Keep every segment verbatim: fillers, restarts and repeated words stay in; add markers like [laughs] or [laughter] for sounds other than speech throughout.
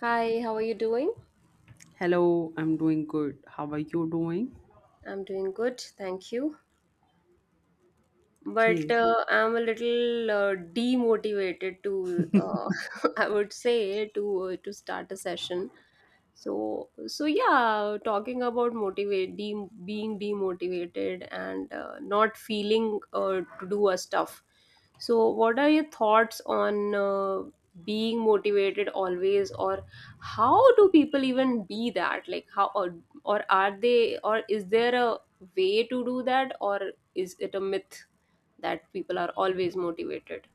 Hi, how are you doing? Hello, I'm doing good. How are you doing? I'm doing good, thank you. But Okay. uh, I'm a little uh, demotivated to, uh, [laughs] I would say, to uh, to start a session, so so yeah, talking about motivate de- being demotivated and uh, not feeling uh, to do a stuff. So what are your thoughts on uh, being motivated always, or how do people even be that, like how or, or are they, or is there a way to do that, or is it a myth that people are always motivated?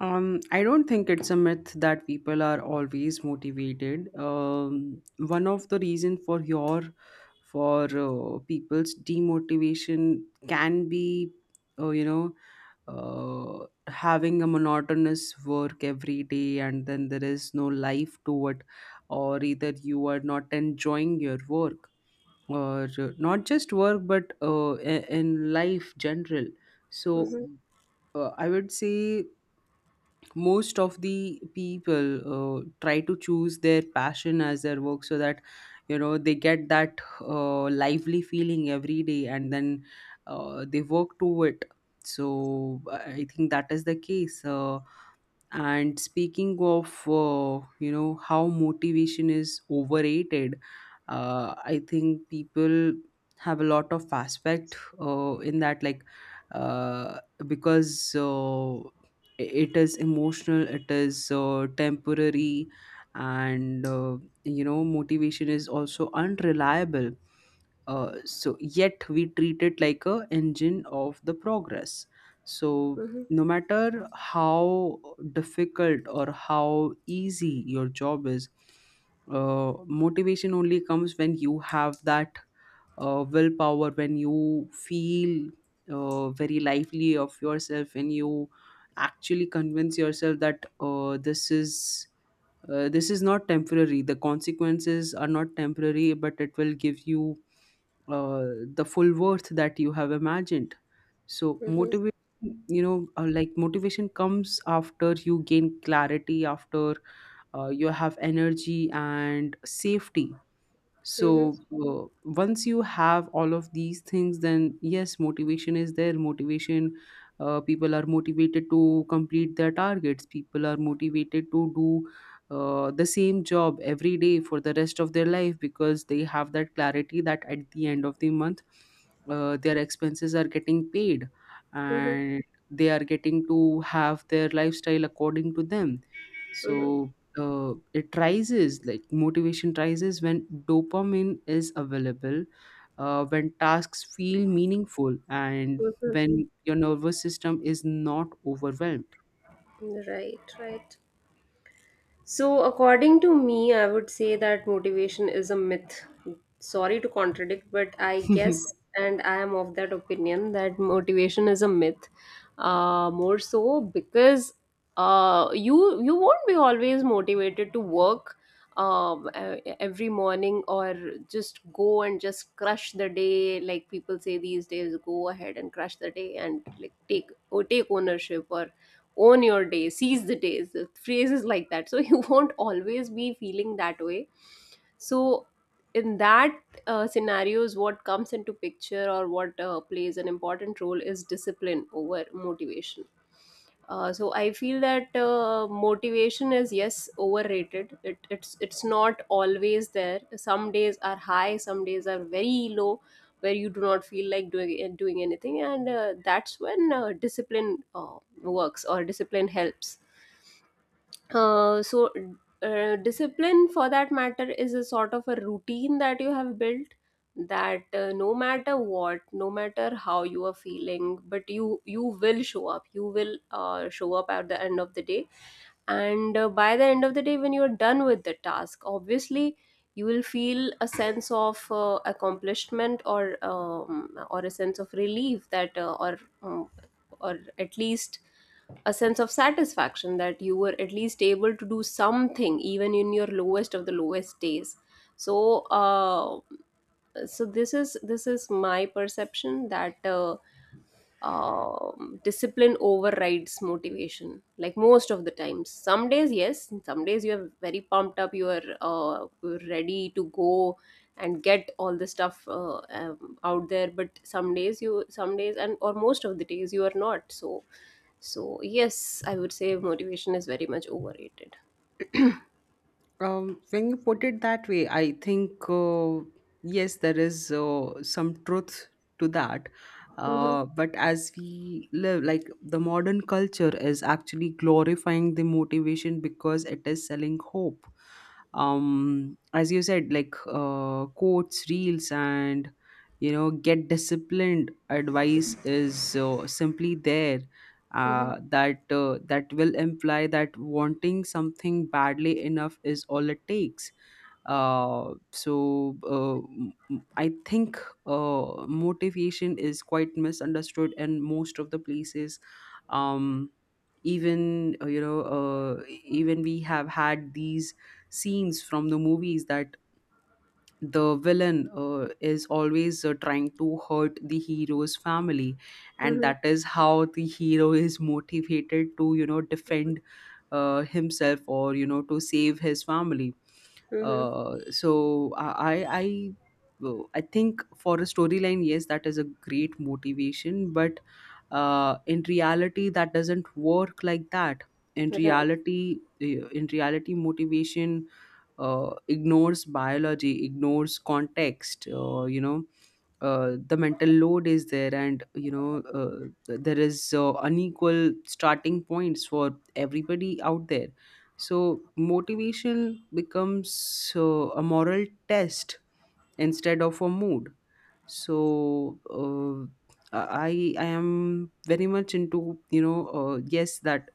Um, I don't think it's a myth that people are always motivated. Um, one of the reason for your for uh, people's demotivation can be, uh, you know, uh, having a monotonous work every day, and then there is no life to it, or either you are not enjoying your work or uh, not just work but uh, i- in life general. so Mhm, uh, i would say most of the people uh, try to choose their passion as their work, so that you know they get that uh, lively feeling every day, and then uh, they work to it. So i I think that is the case. Uh, and speaking of, uh, you know, how motivation is overrated, uh, I think people have a lot of aspect uh, in that, like, uh, because uh, it is emotional, it is uh, temporary, and, uh, you know, motivation is also unreliable. Uh, so, yet we treat it like a engine of the progress. So, mhm, no matter how difficult or how easy your job is, uh, motivation only comes when you have that uh, willpower, when you feel uh, very lively of yourself, when you actually convince yourself that uh, this is uh, this is not temporary, the consequences are not temporary, but it will give you uh, the full worth that you have imagined. So mhm, motivation you know uh, like motivation comes after you gain clarity, after uh, you have energy and safety. mhm, So, uh, once you have all of these things, then yes, motivation is there. Motivation uh, people are motivated to complete their targets, people are motivated to do uh, the same job every day for the rest of their life, because they have that clarity that at the end of the month, uh, their expenses are getting paid, mhm, and they are getting to have their lifestyle according to them. mhm, So, uh, it rises, like motivation rises when dopamine is available, uh, when tasks feel meaningful, and mhm. when your nervous system is not overwhelmed. Right, right. So, according to me, I would say that motivation is a myth. Sorry to contradict, but I guess, [laughs] and I am of that opinion, that motivation is a myth. Uh, more so because uh, you you won't be always motivated to work, um, uh, every morning, or just go and just crush the day, like people say these days, go ahead and crush the day, and like take or take ownership, or own your day, seize the days, the phrases like that, so [laughs] you won't always be feeling that way. So in that uh, scenarios, what comes into picture, or what uh, plays an important role is discipline over motivation. Uh, so I feel that uh, motivation is, yes, overrated. It, it's it's not always there. Some days are high, some days are very low, where you do not feel like doing doing anything, and uh, that's when uh, discipline uh, works, or discipline helps. uh, so uh, Discipline, for that matter, is a sort of a routine that you have built, that uh, no matter what, no matter how you are feeling, but you you will show up, you will uh, show up at the end of the day. And uh, by the end of the day, when you're done with the task, obviously you will feel a sense of uh, accomplishment, or um, or a sense of relief that uh, or um, or at least a sense of satisfaction that you were at least able to do something even in your lowest of the lowest days. So uh, so this is, this is my perception that uh, um, discipline overrides motivation, like most of the times. Some days, yes, some days you're very pumped up, you are uh, ready to go and get all the stuff uh, um, out there, but some days you, some days, and or most of the days you are not. So so yes, I would say motivation is very much overrated. Um, when you put it that way, I think, uh, yes, there is uh, some truth to that. Uh, but as we live, like the modern culture is actually glorifying the motivation because it is selling hope. Um, as you said, like uh, quotes, reels, and you know, get disciplined advice is uh, simply there. Mm-hmm, Uh, that uh, that will imply that wanting something badly enough is all it takes. Uh, so uh, m- m- i think uh, motivation is quite misunderstood in most of the places. Um, even uh, you know uh, even we have had these scenes from the movies, that the villain uh, is always uh, trying to hurt the hero's family, and mm-hmm, that is how the hero [laughs] is motivated to you know defend uh, himself, or you know to save his family. mm-hmm. uh, so i i I- well, I think for a storyline, yes, that is a great motivation, but uh, in reality that doesn't work like that. in Right. reality uh, in reality motivation uh, ignores biology, ignores context. Uh, you know uh, the mental load is there, and you know uh, th- there is uh, unequal starting points for everybody out there. So motivation becomes uh, a moral test, instead of a mood. So uh, i i am very much into, you know uh, yes, that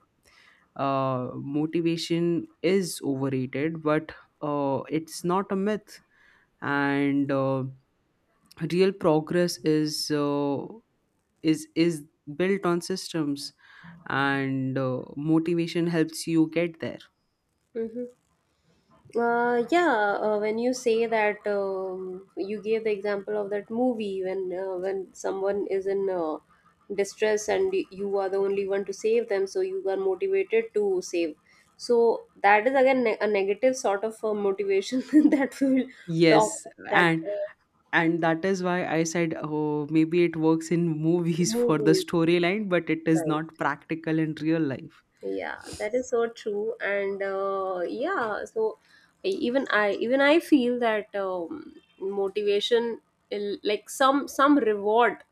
uh, motivation is overrated, but uh, it's not a myth. And uh, real progress is uh, is is built on systems, and uh, motivation helps you get there. Mm-hmm. Uh, yeah, uh, when you say that, um, you gave the example of that movie when uh, when someone is in uh, distress and y- you are the only one to save them, so you are motivated to save. So that is again, ne- a negative sort of uh, motivation [laughs] that we will talk Yes, about, that and uh, and that is why I said, oh, maybe it works in movies [laughs] for the movies. storyline, but it is not practical in real life. Yeah, that is so true, and uh, yeah, so I- even i even i feel that um, motivation, il- like some some reward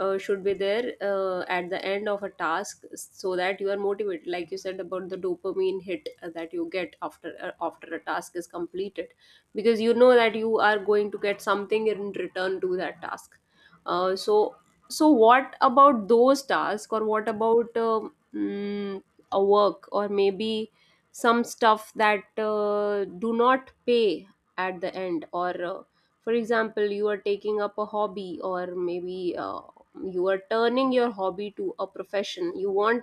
uh, should be there uh, at the end of a task, so that you are motivated, like you said about the dopamine hit uh, that you get after uh, after a task is completed, because you know that you are going to get something in return to that task. Uh, so so what about those tasks, or what about um, mm, a work, or maybe some stuff that uh, do not pay at the end, or uh, for example you are taking up a hobby, or maybe uh, you are turning your hobby to a profession, you want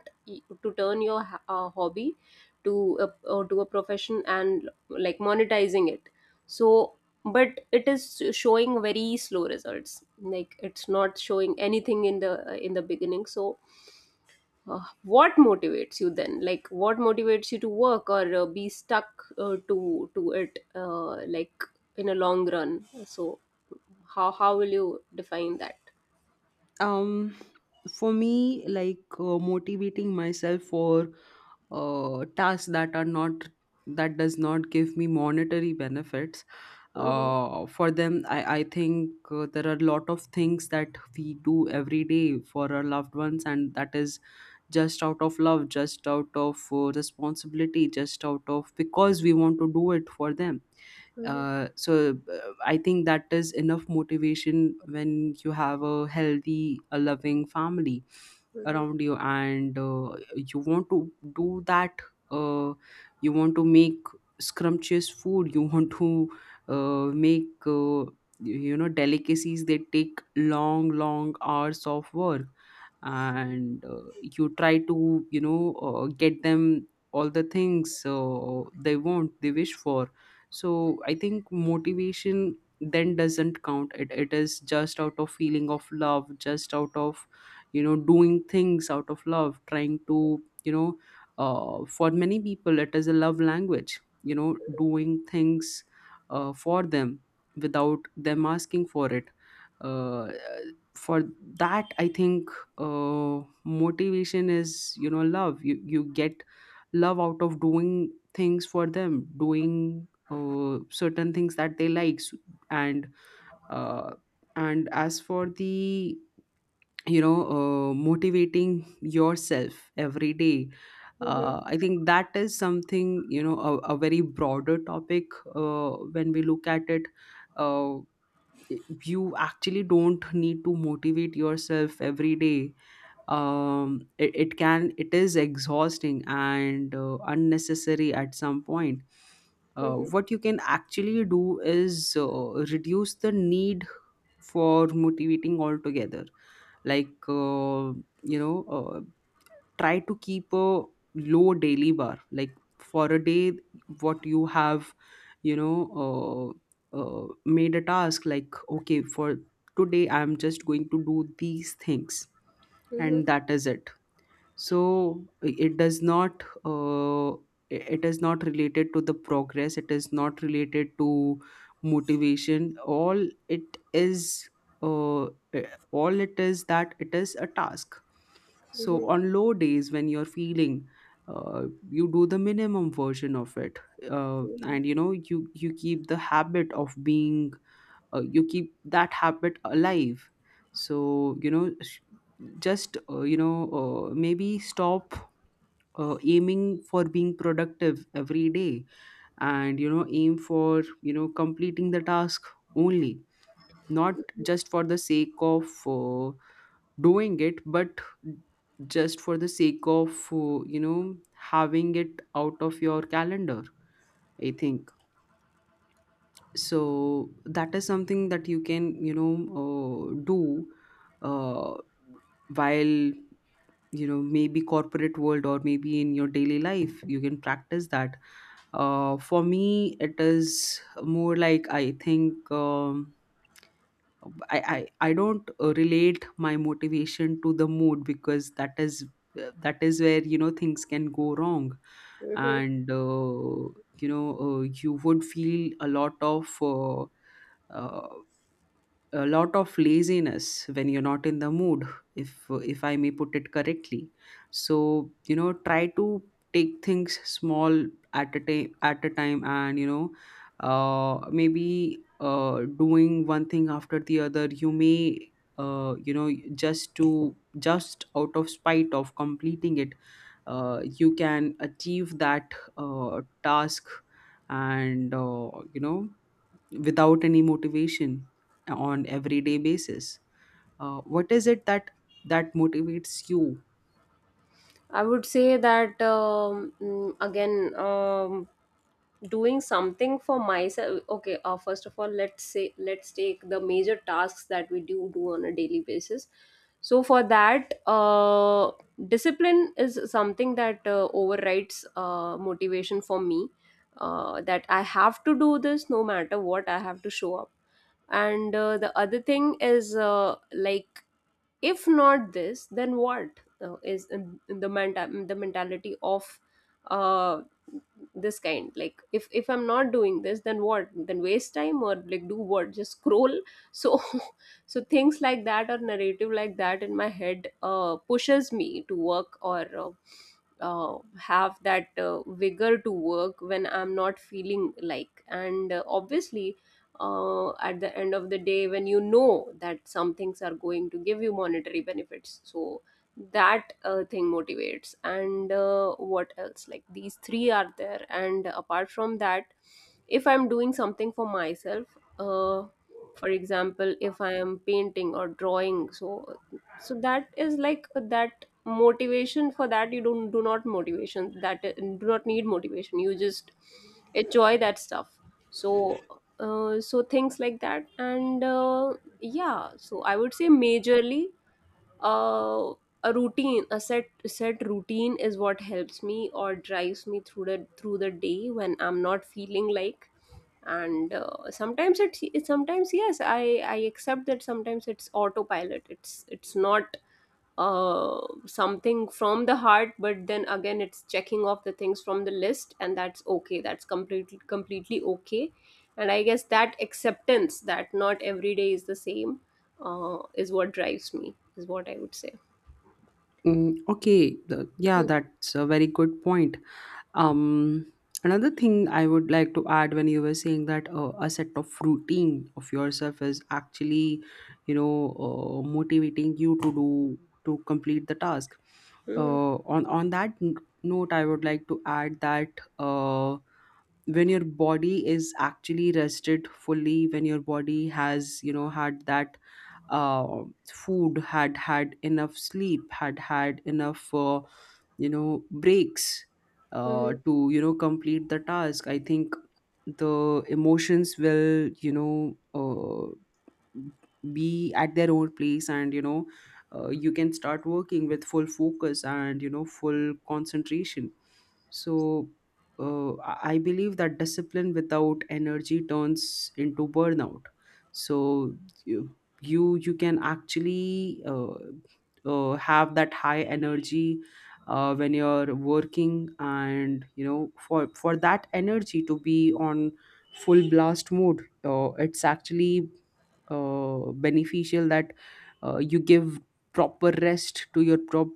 to turn your ha- uh, hobby to a, or to a profession, and like monetizing it. So but it is showing very slow results, like it's not showing anything in the in the beginning, so uh, what motivates you then? Like, what motivates you to work, or uh, be stuck uh, to to it, uh, like in a long run? So, how how will you define that? um for me, like uh, motivating myself for uh tasks that are not that does not give me monetary benefits, Hmm. uh, for them, i, I think uh, there are a lot of things that we do every day for our loved ones, and that is just out of love, just out of uh, responsibility, just out of, because we want to do it for them. Uh, so uh, i think that is enough motivation when you have a healthy, a loving family around you, and uh, you want to do that. uh, you want to make scrumptious food, you want to uh, make, uh, you know delicacies. They take long, long hours of work, and uh, you try to, you know uh, get them all the things uh, they want, they wish for. So I think motivation then doesn't count, it, it is just out of feeling of love, just out of you know doing things out of love, trying to, you know uh, for many people it is a love language, you know doing things uh, for them, without them asking for it. uh, for that I think uh, motivation is, you know love. You you get love out of doing things for them, doing uh, certain things that they like S- and uh, and as for the, you know uh, motivating yourself every day, uh, i think that is something, you know, a, a very broader topic, uh, when we look at it. uh, you actually don't need to motivate yourself every day. Um it, it can it is exhausting and uh, unnecessary at some point. Uh, what you can actually do is uh, reduce the need for motivating altogether. Like uh, you know uh, try to keep a low daily bar, like for a day what you have, you know uh, uh, made a task, like, okay, for today I'm just going to do these things, Hmm. and that is it. So it does not uh, It is not related to the progress, it is not related to motivation. All it is uh, all it is that it is a task. So on low days when you're feeling, uh, you do the minimum version of it, uh, and you know you you keep the habit of being, uh, you keep that habit alive. So, you know sh- just, uh, you know uh, maybe stop uh, aiming for being productive every day, and you know aim for you know completing the task only, not just for the sake of uh, doing it, but just for the sake of, uh, you know having it out of your calendar, I think. So that is something that you can, you know uh, do, uh, while, you know maybe corporate world or maybe in your daily life, you can practice that. Uh, for me it is more like I think, um, I, I i don't uh, relate my motivation to the mood, because that is uh, that is where, you know, things can go wrong. And uh, you know uh, you would feel a lot of uh, uh, a lot of laziness when you're not in the mood, if if i may put it correctly. So, you know try to take things small, at a time at a time and you know uh, maybe uh, doing one thing after the other, you may, uh, you know just to just out of spite of completing it, uh, you can achieve that uh, task. And uh, you know without any motivation on everyday basis, uh, what is it that that motivates you? I would say that um, mm, again. Um, doing something for myself. Okay, uh, first of all, let's say let's take the major tasks that we do do on a daily basis. So for that uh, discipline is something that uh, overrides uh, motivation for me, uh, that I have to do this, no matter what, I have to show up. And uh, the other thing is, uh, like, if not this, then what? Uh, is in- in the menta- the mentality of uh, this kind, like, if if I'm not doing this, then what? Then waste time, or like, do what, just scroll? So [laughs] so things like that, or narrative like that in my head uh, pushes me to work, or uh, uh, have that uh, vigor to work when I'm not feeling like. And uh, obviously uh, at the end of the day when you know that some things are going to give you monetary benefits, so that uh, thing motivates. And uh, what else, like these three are there, and apart from that, if I'm doing something for myself, uh, for example if I am painting or drawing, so so that is like that motivation. For that you don't, do not, motivation, that do not need motivation, you just enjoy that stuff. So uh, so things like that. And uh, yeah, so I would say majorly uh, a routine, a set set routine is what helps me or drives me through the through the day when I'm not feeling like. And uh, sometimes it, it sometimes, yes, i i accept that sometimes it's autopilot, it's it's not uh something from the heart, but then again it's checking off the things from the list, and that's okay, that's completely completely okay. And I guess that acceptance, that not every day is the same, uh, is what drives me, is what I would say. Mm, okay, the, yeah, that's a very good point. Um, Another thing I would like to add, when you were saying that uh, a set of routine of yourself is actually, you know, uh, motivating you to do to complete the task. Hmm. Uh, on on that n- note, I would like to add that uh, when your body is actually rested fully, when your body has, you know, had that. uh food, had had enough sleep, had had enough, uh, you know breaks, uh, Hmm. to you know complete the task, I think the emotions will, you know uh, be at their own place, and you know uh, you can start working with full focus and you know full concentration. So uh, i I believe that discipline without energy turns into burnout. So you you, you can actually uh, uh, have that high energy uh, when you're working, and you know for for that energy to be on full blast mode, uh, it's actually uh, beneficial that uh, you give proper rest to your prop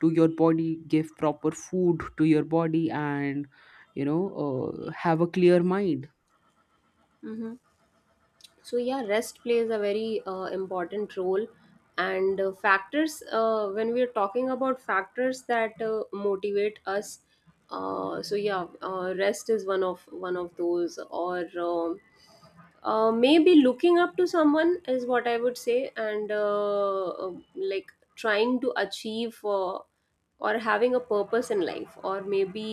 to your body, give proper food to your body, and you know uh, have a clear mind. Hmm. So yeah, rest plays a very uh, important role. And uh, factors, uh, when we are talking about factors that uh, motivate us, uh, so yeah, uh, rest is one of one of those. Or um uh, maybe looking up to someone is what I would say. And uh, uh, like, trying to achieve uh, or having a purpose in life, or maybe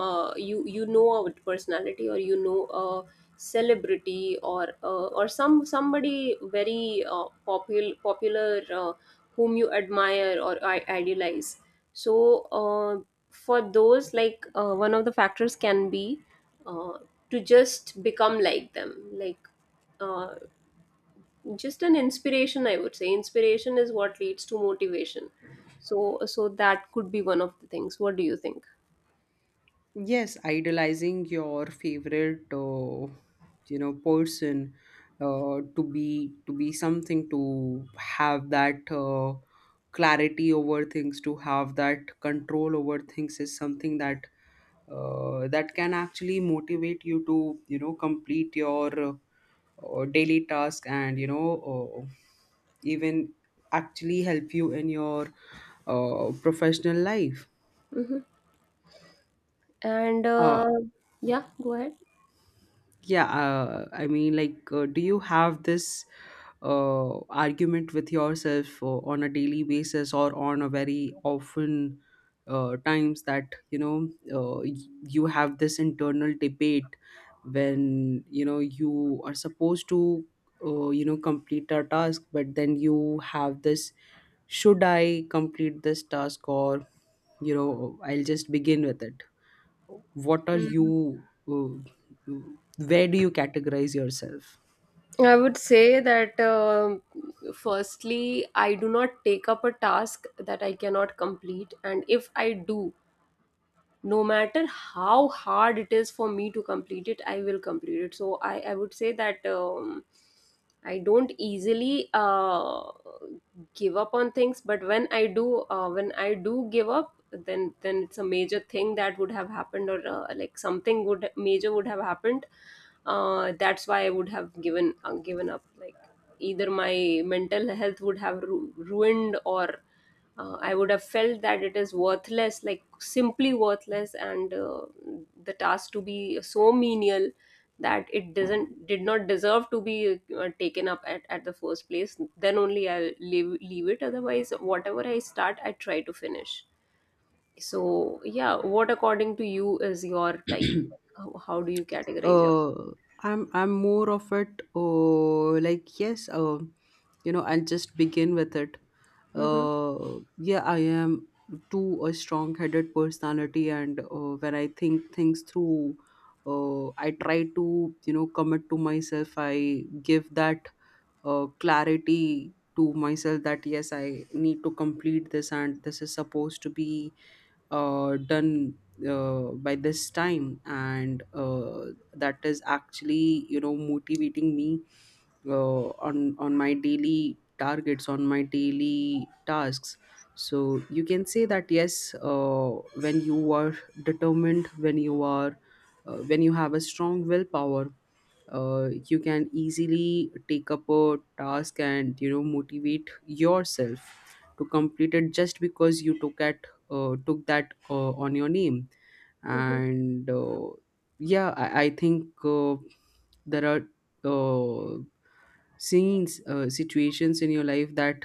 uh, you you know a personality, or you know a celebrity, or uh, or some somebody very uh, popular popular uh, whom you admire or I- idealize. So uh, for those, like, uh, one of the factors can be uh, to just become like them, like uh, just an inspiration, I would say inspiration is what leads to motivation. So so that could be one of the things. What do you think? Yes, idolizing your favorite, uh, you know, person, uh, to be to be something, to have that uh, clarity over things, to have that control over things is something that uh, that can actually motivate you to you know complete your uh, uh, daily task, and you know uh, even actually help you in your uh, professional life. Mm-hmm. And Uh, uh, yeah, go ahead. yeah uh, I mean, like uh, do you have this uh, argument with yourself uh, on a daily basis or on a very often uh, times that you know uh, y- you have this internal debate when you know you are supposed to uh, you know complete a task, but then you have this: should I complete this task, or you know, I'll just begin with it? What are Mm. you, uh, where do you categorize yourself? I would say that, um firstly, I do not take up a task that I cannot complete, and if I do, no matter how hard it is for me to complete it, I will complete it. So i i would say that um, I don't easily uh, give up on things. But when I do uh, when I do give up, then then it's a major thing that would have happened, or uh, like, something would major would have happened, uh, that's why I would have given uh, given up, like, either my mental health would have ru- ruined, or uh, I would have felt that it is worthless, like simply worthless, and uh, the task to be so menial that it doesn't, did not deserve to be uh, taken up at, at the first place. Then only I'll leave leave it, otherwise whatever I start I try to finish. So yeah, what according to you is your type? [clears throat] How how do you categorize yourself? uh i'm i'm more of it, uh, like, yes, uh, you know, I'll just begin with it. Mm-hmm. Uh yeah, I am too a strong headed personality. And uh, when I think things through, uh, I try to, you know, commit to myself. I give that uh, clarity to myself that yes, I need to complete this and this is supposed to be uh, done uh, by this time. And uh, that is actually, you know, motivating me uh, on on my daily targets, on my daily tasks. So you can say that yes, uh, when you are determined, when you are uh, when you have a strong willpower, uh, you can easily take up a task and, you know, motivate yourself to complete it just because you took at uh, took that uh, on your name. Mm-hmm. And uh, Yeah, I, I think uh, there are uh, scenes, uh, situations in your life that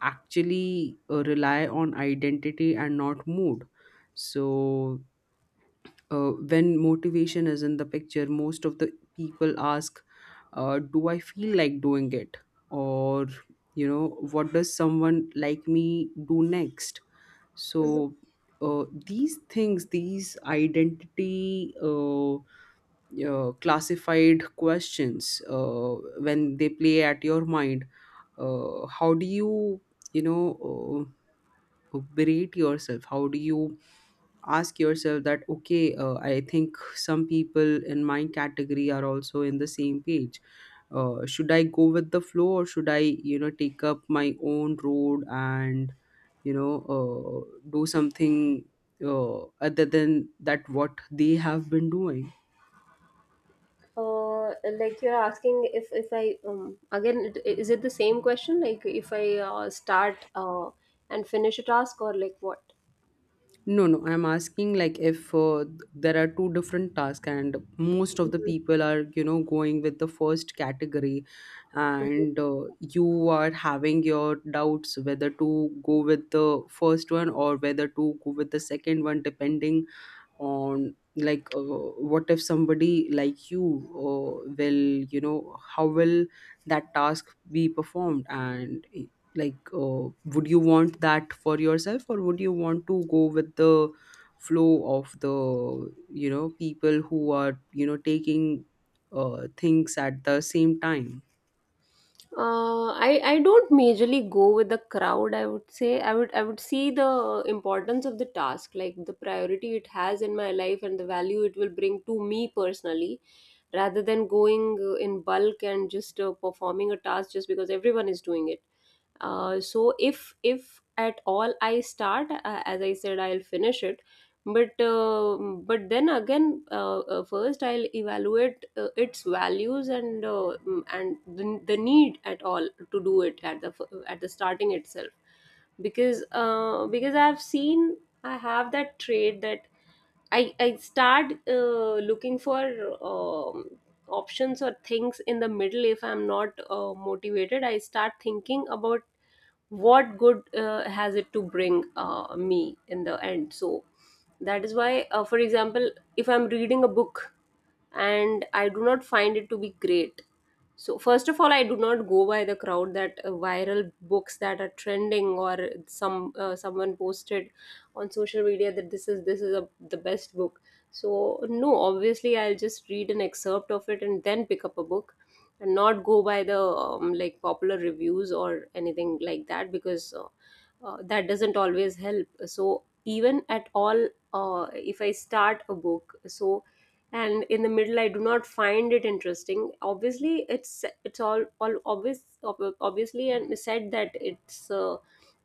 actually uh, rely on identity and not mood. So uh, when motivation is in the picture, most of the people ask, uh, do I feel like doing it? Or, you know, what does someone like me do next? Mm-hmm. So, uh, these things, these identity uh, uh, classified questions, uh, when they play at your mind, uh, how do you, you know, uh, berate yourself? How do you ask yourself that, okay, uh, I think some people in my category are also in the same page, uh, should I go with the flow or should I, you know, take up my own road and you know, uh, do something uh, other than that what they have been doing? Uh, like, you're asking if if I, um again, it, is it the same question, like if I uh, start uh, and finish a task, or like what? No, no, I'm asking like, if uh, there are two different tasks, and most of the Mhm. people are, you know, going with the first category, and uh, you are having your doubts whether to go with the first one or whether to go with the second one, depending on like, uh, what if somebody like you uh, will, you know, how will that task be performed? And eh, like uh, would you want that for yourself, or would you want to go with the flow of the, you know, people who are, you know, taking uh, things at the same time? Uh, I I don't majorly go with the crowd. I would say I would, I would see the importance of the task, like the priority it has in my life and the value it will bring to me personally, rather than going uh, in bulk and just uh, performing a task just because everyone is doing it. Uh, so if if at all I start, uh, as I said, I'll finish it but uh, but then again uh, uh, first I'll evaluate uh, its values and uh, mm, and the, the need at all to do it at the f- at the starting itself because uh, because I've seen I have that trait that i i start uh, looking for um, options or things in the middle if I'm not uh, motivated. I start thinking about what good uh, has it to bring uh, me in the end. So that is why, uh, for example, if I'm reading a book and I do not find it to be great. So first of all, I do not go by the crowd, that uh, viral books that are trending or some uh, someone posted on social media that this is this is a, the best book. So no, obviously I'll just read an excerpt of it and then pick up a book and not go by the um, like popular reviews or anything like that, because uh, uh, that doesn't always help. So even at all, uh, if I start a book, so, and in the middle I do not find it interesting, obviously it's it's all all obvious ob- obviously and said that it's uh,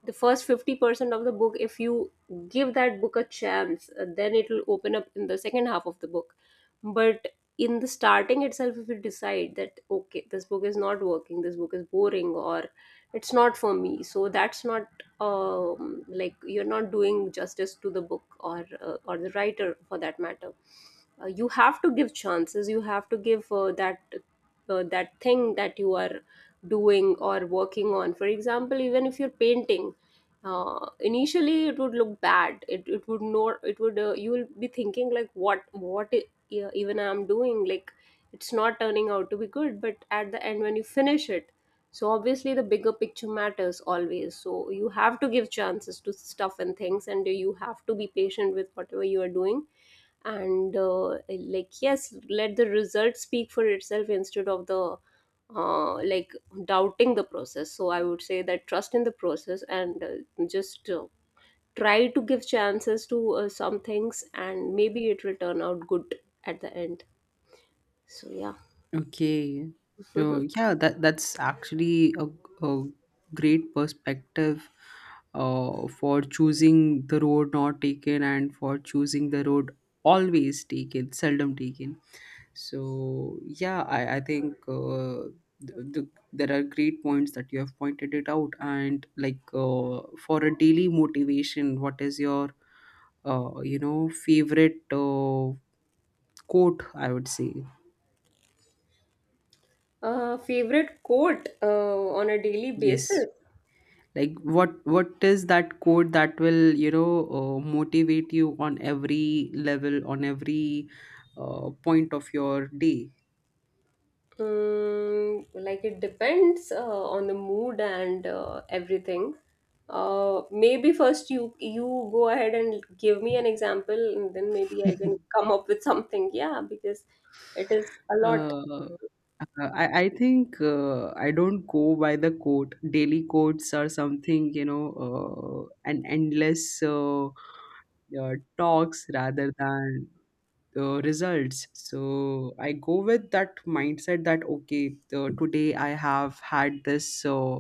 the first fifty percent of the book. If you give that book a chance, uh, then it will open up in the second half of the book. But in the starting itself, if you decide that okay, this book is not working, this book is boring, or it's not for me, so that's not um, like, you're not doing justice to the book, or uh, or the writer for that matter. Uh, you have to give chances. You have to give uh, that uh, that thing that you are doing or working on. For example, even if you're painting, uh, initially it would look bad, it, it would not. It would uh, you will be thinking like what what i- e- even I'm doing like it's not turning out to be good. But at the end, when you finish it, so obviously the bigger picture matters always. So you have to give chances to stuff and things, and you have to be patient with whatever you are doing, and uh, like yes, let the result speak for itself instead of the uh, like doubting the process. So I would say that, trust in the process, and uh, just uh, try to give chances to uh, some things, and maybe it will turn out good at the end. So yeah. Okay. So [laughs] yeah, that that's actually a, a great perspective uh, for choosing the road not taken, and for choosing the road always taken, seldom taken. So yeah, I, I think uh, the, the, there are great points that you have pointed it out. And like uh, for a daily motivation, what is your uh, you know favorite uh, quote? I would say, uh, Favorite quote uh, on a daily yes. basis. Like, what what is that code that will, you know, uh, motivate you on every level, on every uh, point of your day? Mm, like it depends uh, on the mood and uh, everything. Uh, maybe first you you go ahead and give me an example, and then maybe I can [laughs] come up with something. Yeah, because it is a lot. uh, uh, I, I think uh, I don't go by the quote. Daily quotes are something, you know, uh, an endless uh, uh, talks rather than uh, results. So I go with that mindset that okay, uh, today I have had this uh,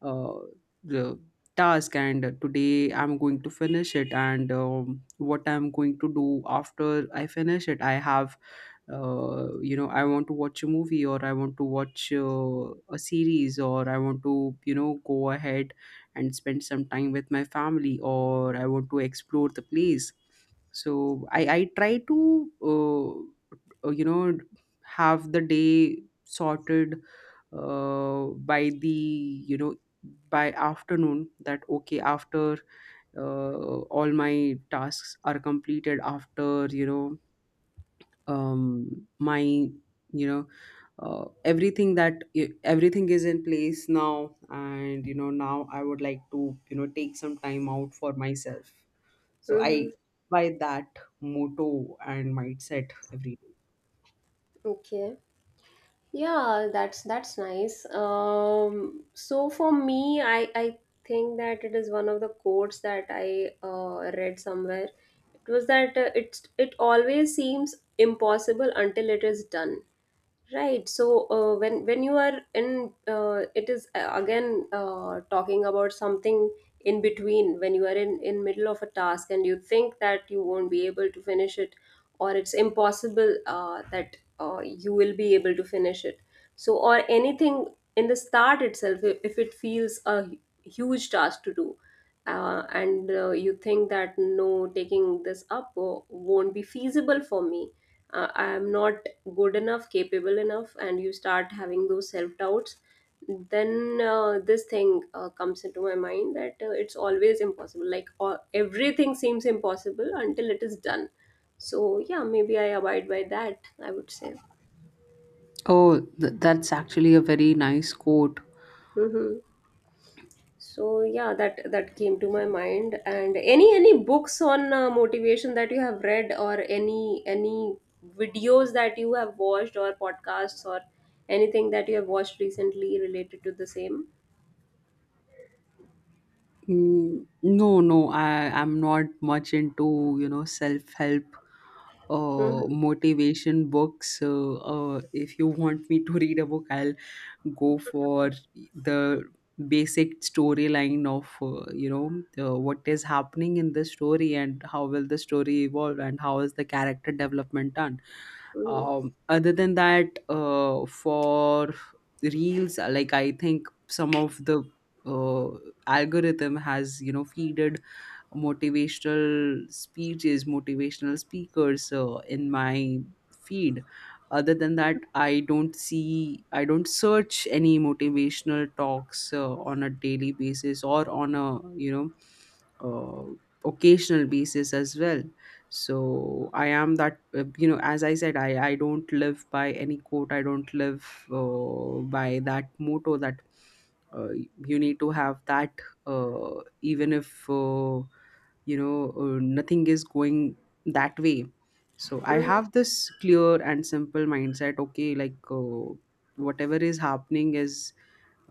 uh, the task, and today I'm going to finish it. And um, what I'm going to do after I finish it, I have uh, you know, I want to watch a movie, or I want to watch uh, a series, or I want to, you know, go ahead and spend some time with my family, or I want to explore the place. So i i try to uh, uh, you know have the day sorted uh, by the, you know, by afternoon, that okay, after uh, all my tasks are completed, after, you know, um, my, you know, uh, everything that e, everything is in place now, and you know, now I would like to, you know, take some time out for myself. So i Mm-hmm. by that motto and mindset every day. Okay. Yeah, that's that's nice. Um, so for me, I I think that it is one of the quotes that I uh, read somewhere. It was that uh, it's it always seems impossible until it is done. Right. So uh, when when you are in, uh, it is uh, again uh, talking about something in between. When you are in in middle of a task and you think that you won't be able to finish it, or it's impossible uh, that uh, you will be able to finish it. So, or anything in the start itself, i- if it feels a hu- huge task to do, uh, and uh, you think that no, taking this up uh, won't be feasible for me, uh, I am not good enough, capable enough, and you start having those self doubts, then uh, this thing uh, comes into my mind that uh, it's always impossible, like all, everything seems impossible until it is done. So yeah, maybe I abide by that, I would say. Oh, th- that's actually a very nice quote. Hmm. So yeah, that that came to my mind. And any any books on uh, motivation that you have read, or any any videos that you have watched, or podcasts, or anything that you have watched recently related to the same. Mm, no no, I, I'm not much into, you know, self-help Hmm. uh motivation books. Uh, uh if you want me to read a book, I'll go for the basic storyline of uh, you know, uh, what is happening in the story, and how will the story evolve, and how is the character development done. Hmm. Um, other than that, uh, for reels, like, I think some of the uh, algorithm has, you know, feeded motivational speeches, motivational speakers uh, in my feed. Other than that, I don't see, I don't search any motivational talks uh, on a daily basis, or on a, you know, uh, occasional basis as well. So I am that, uh, you know, as I said, i i don't live by any quote, I don't live uh, by that motto that uh, you need to have that uh, even if uh, you know, uh, nothing is going that way. So I Hmm. have this clear and simple mindset, okay, like, uh, whatever is happening is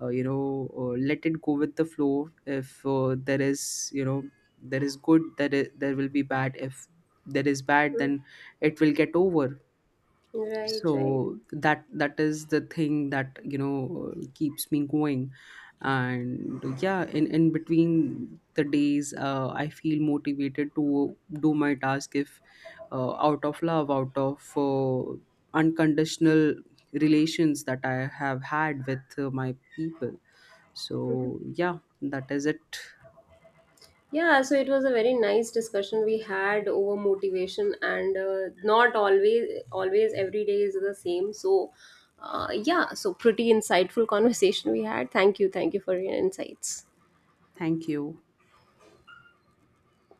uh, you know, uh, let it go with the flow. If uh, there is, you know, there is good, there is, there will be bad. If there is bad, Hmm. then it will get over. Right, right. So that that is the thing that, you know, keeps me going. And yeah, in in between the days, uh, I feel motivated to do my task if uh, out of love, out of uh, unconditional relations that I have had with uh, my people. So Mhm. yeah, that is it. Yeah, so it was a very nice discussion we had over motivation, and uh, not always, always every day is the same. So, uh, yeah, so pretty insightful [laughs] conversation we had. Thank you, thank you for your insights. Thank you.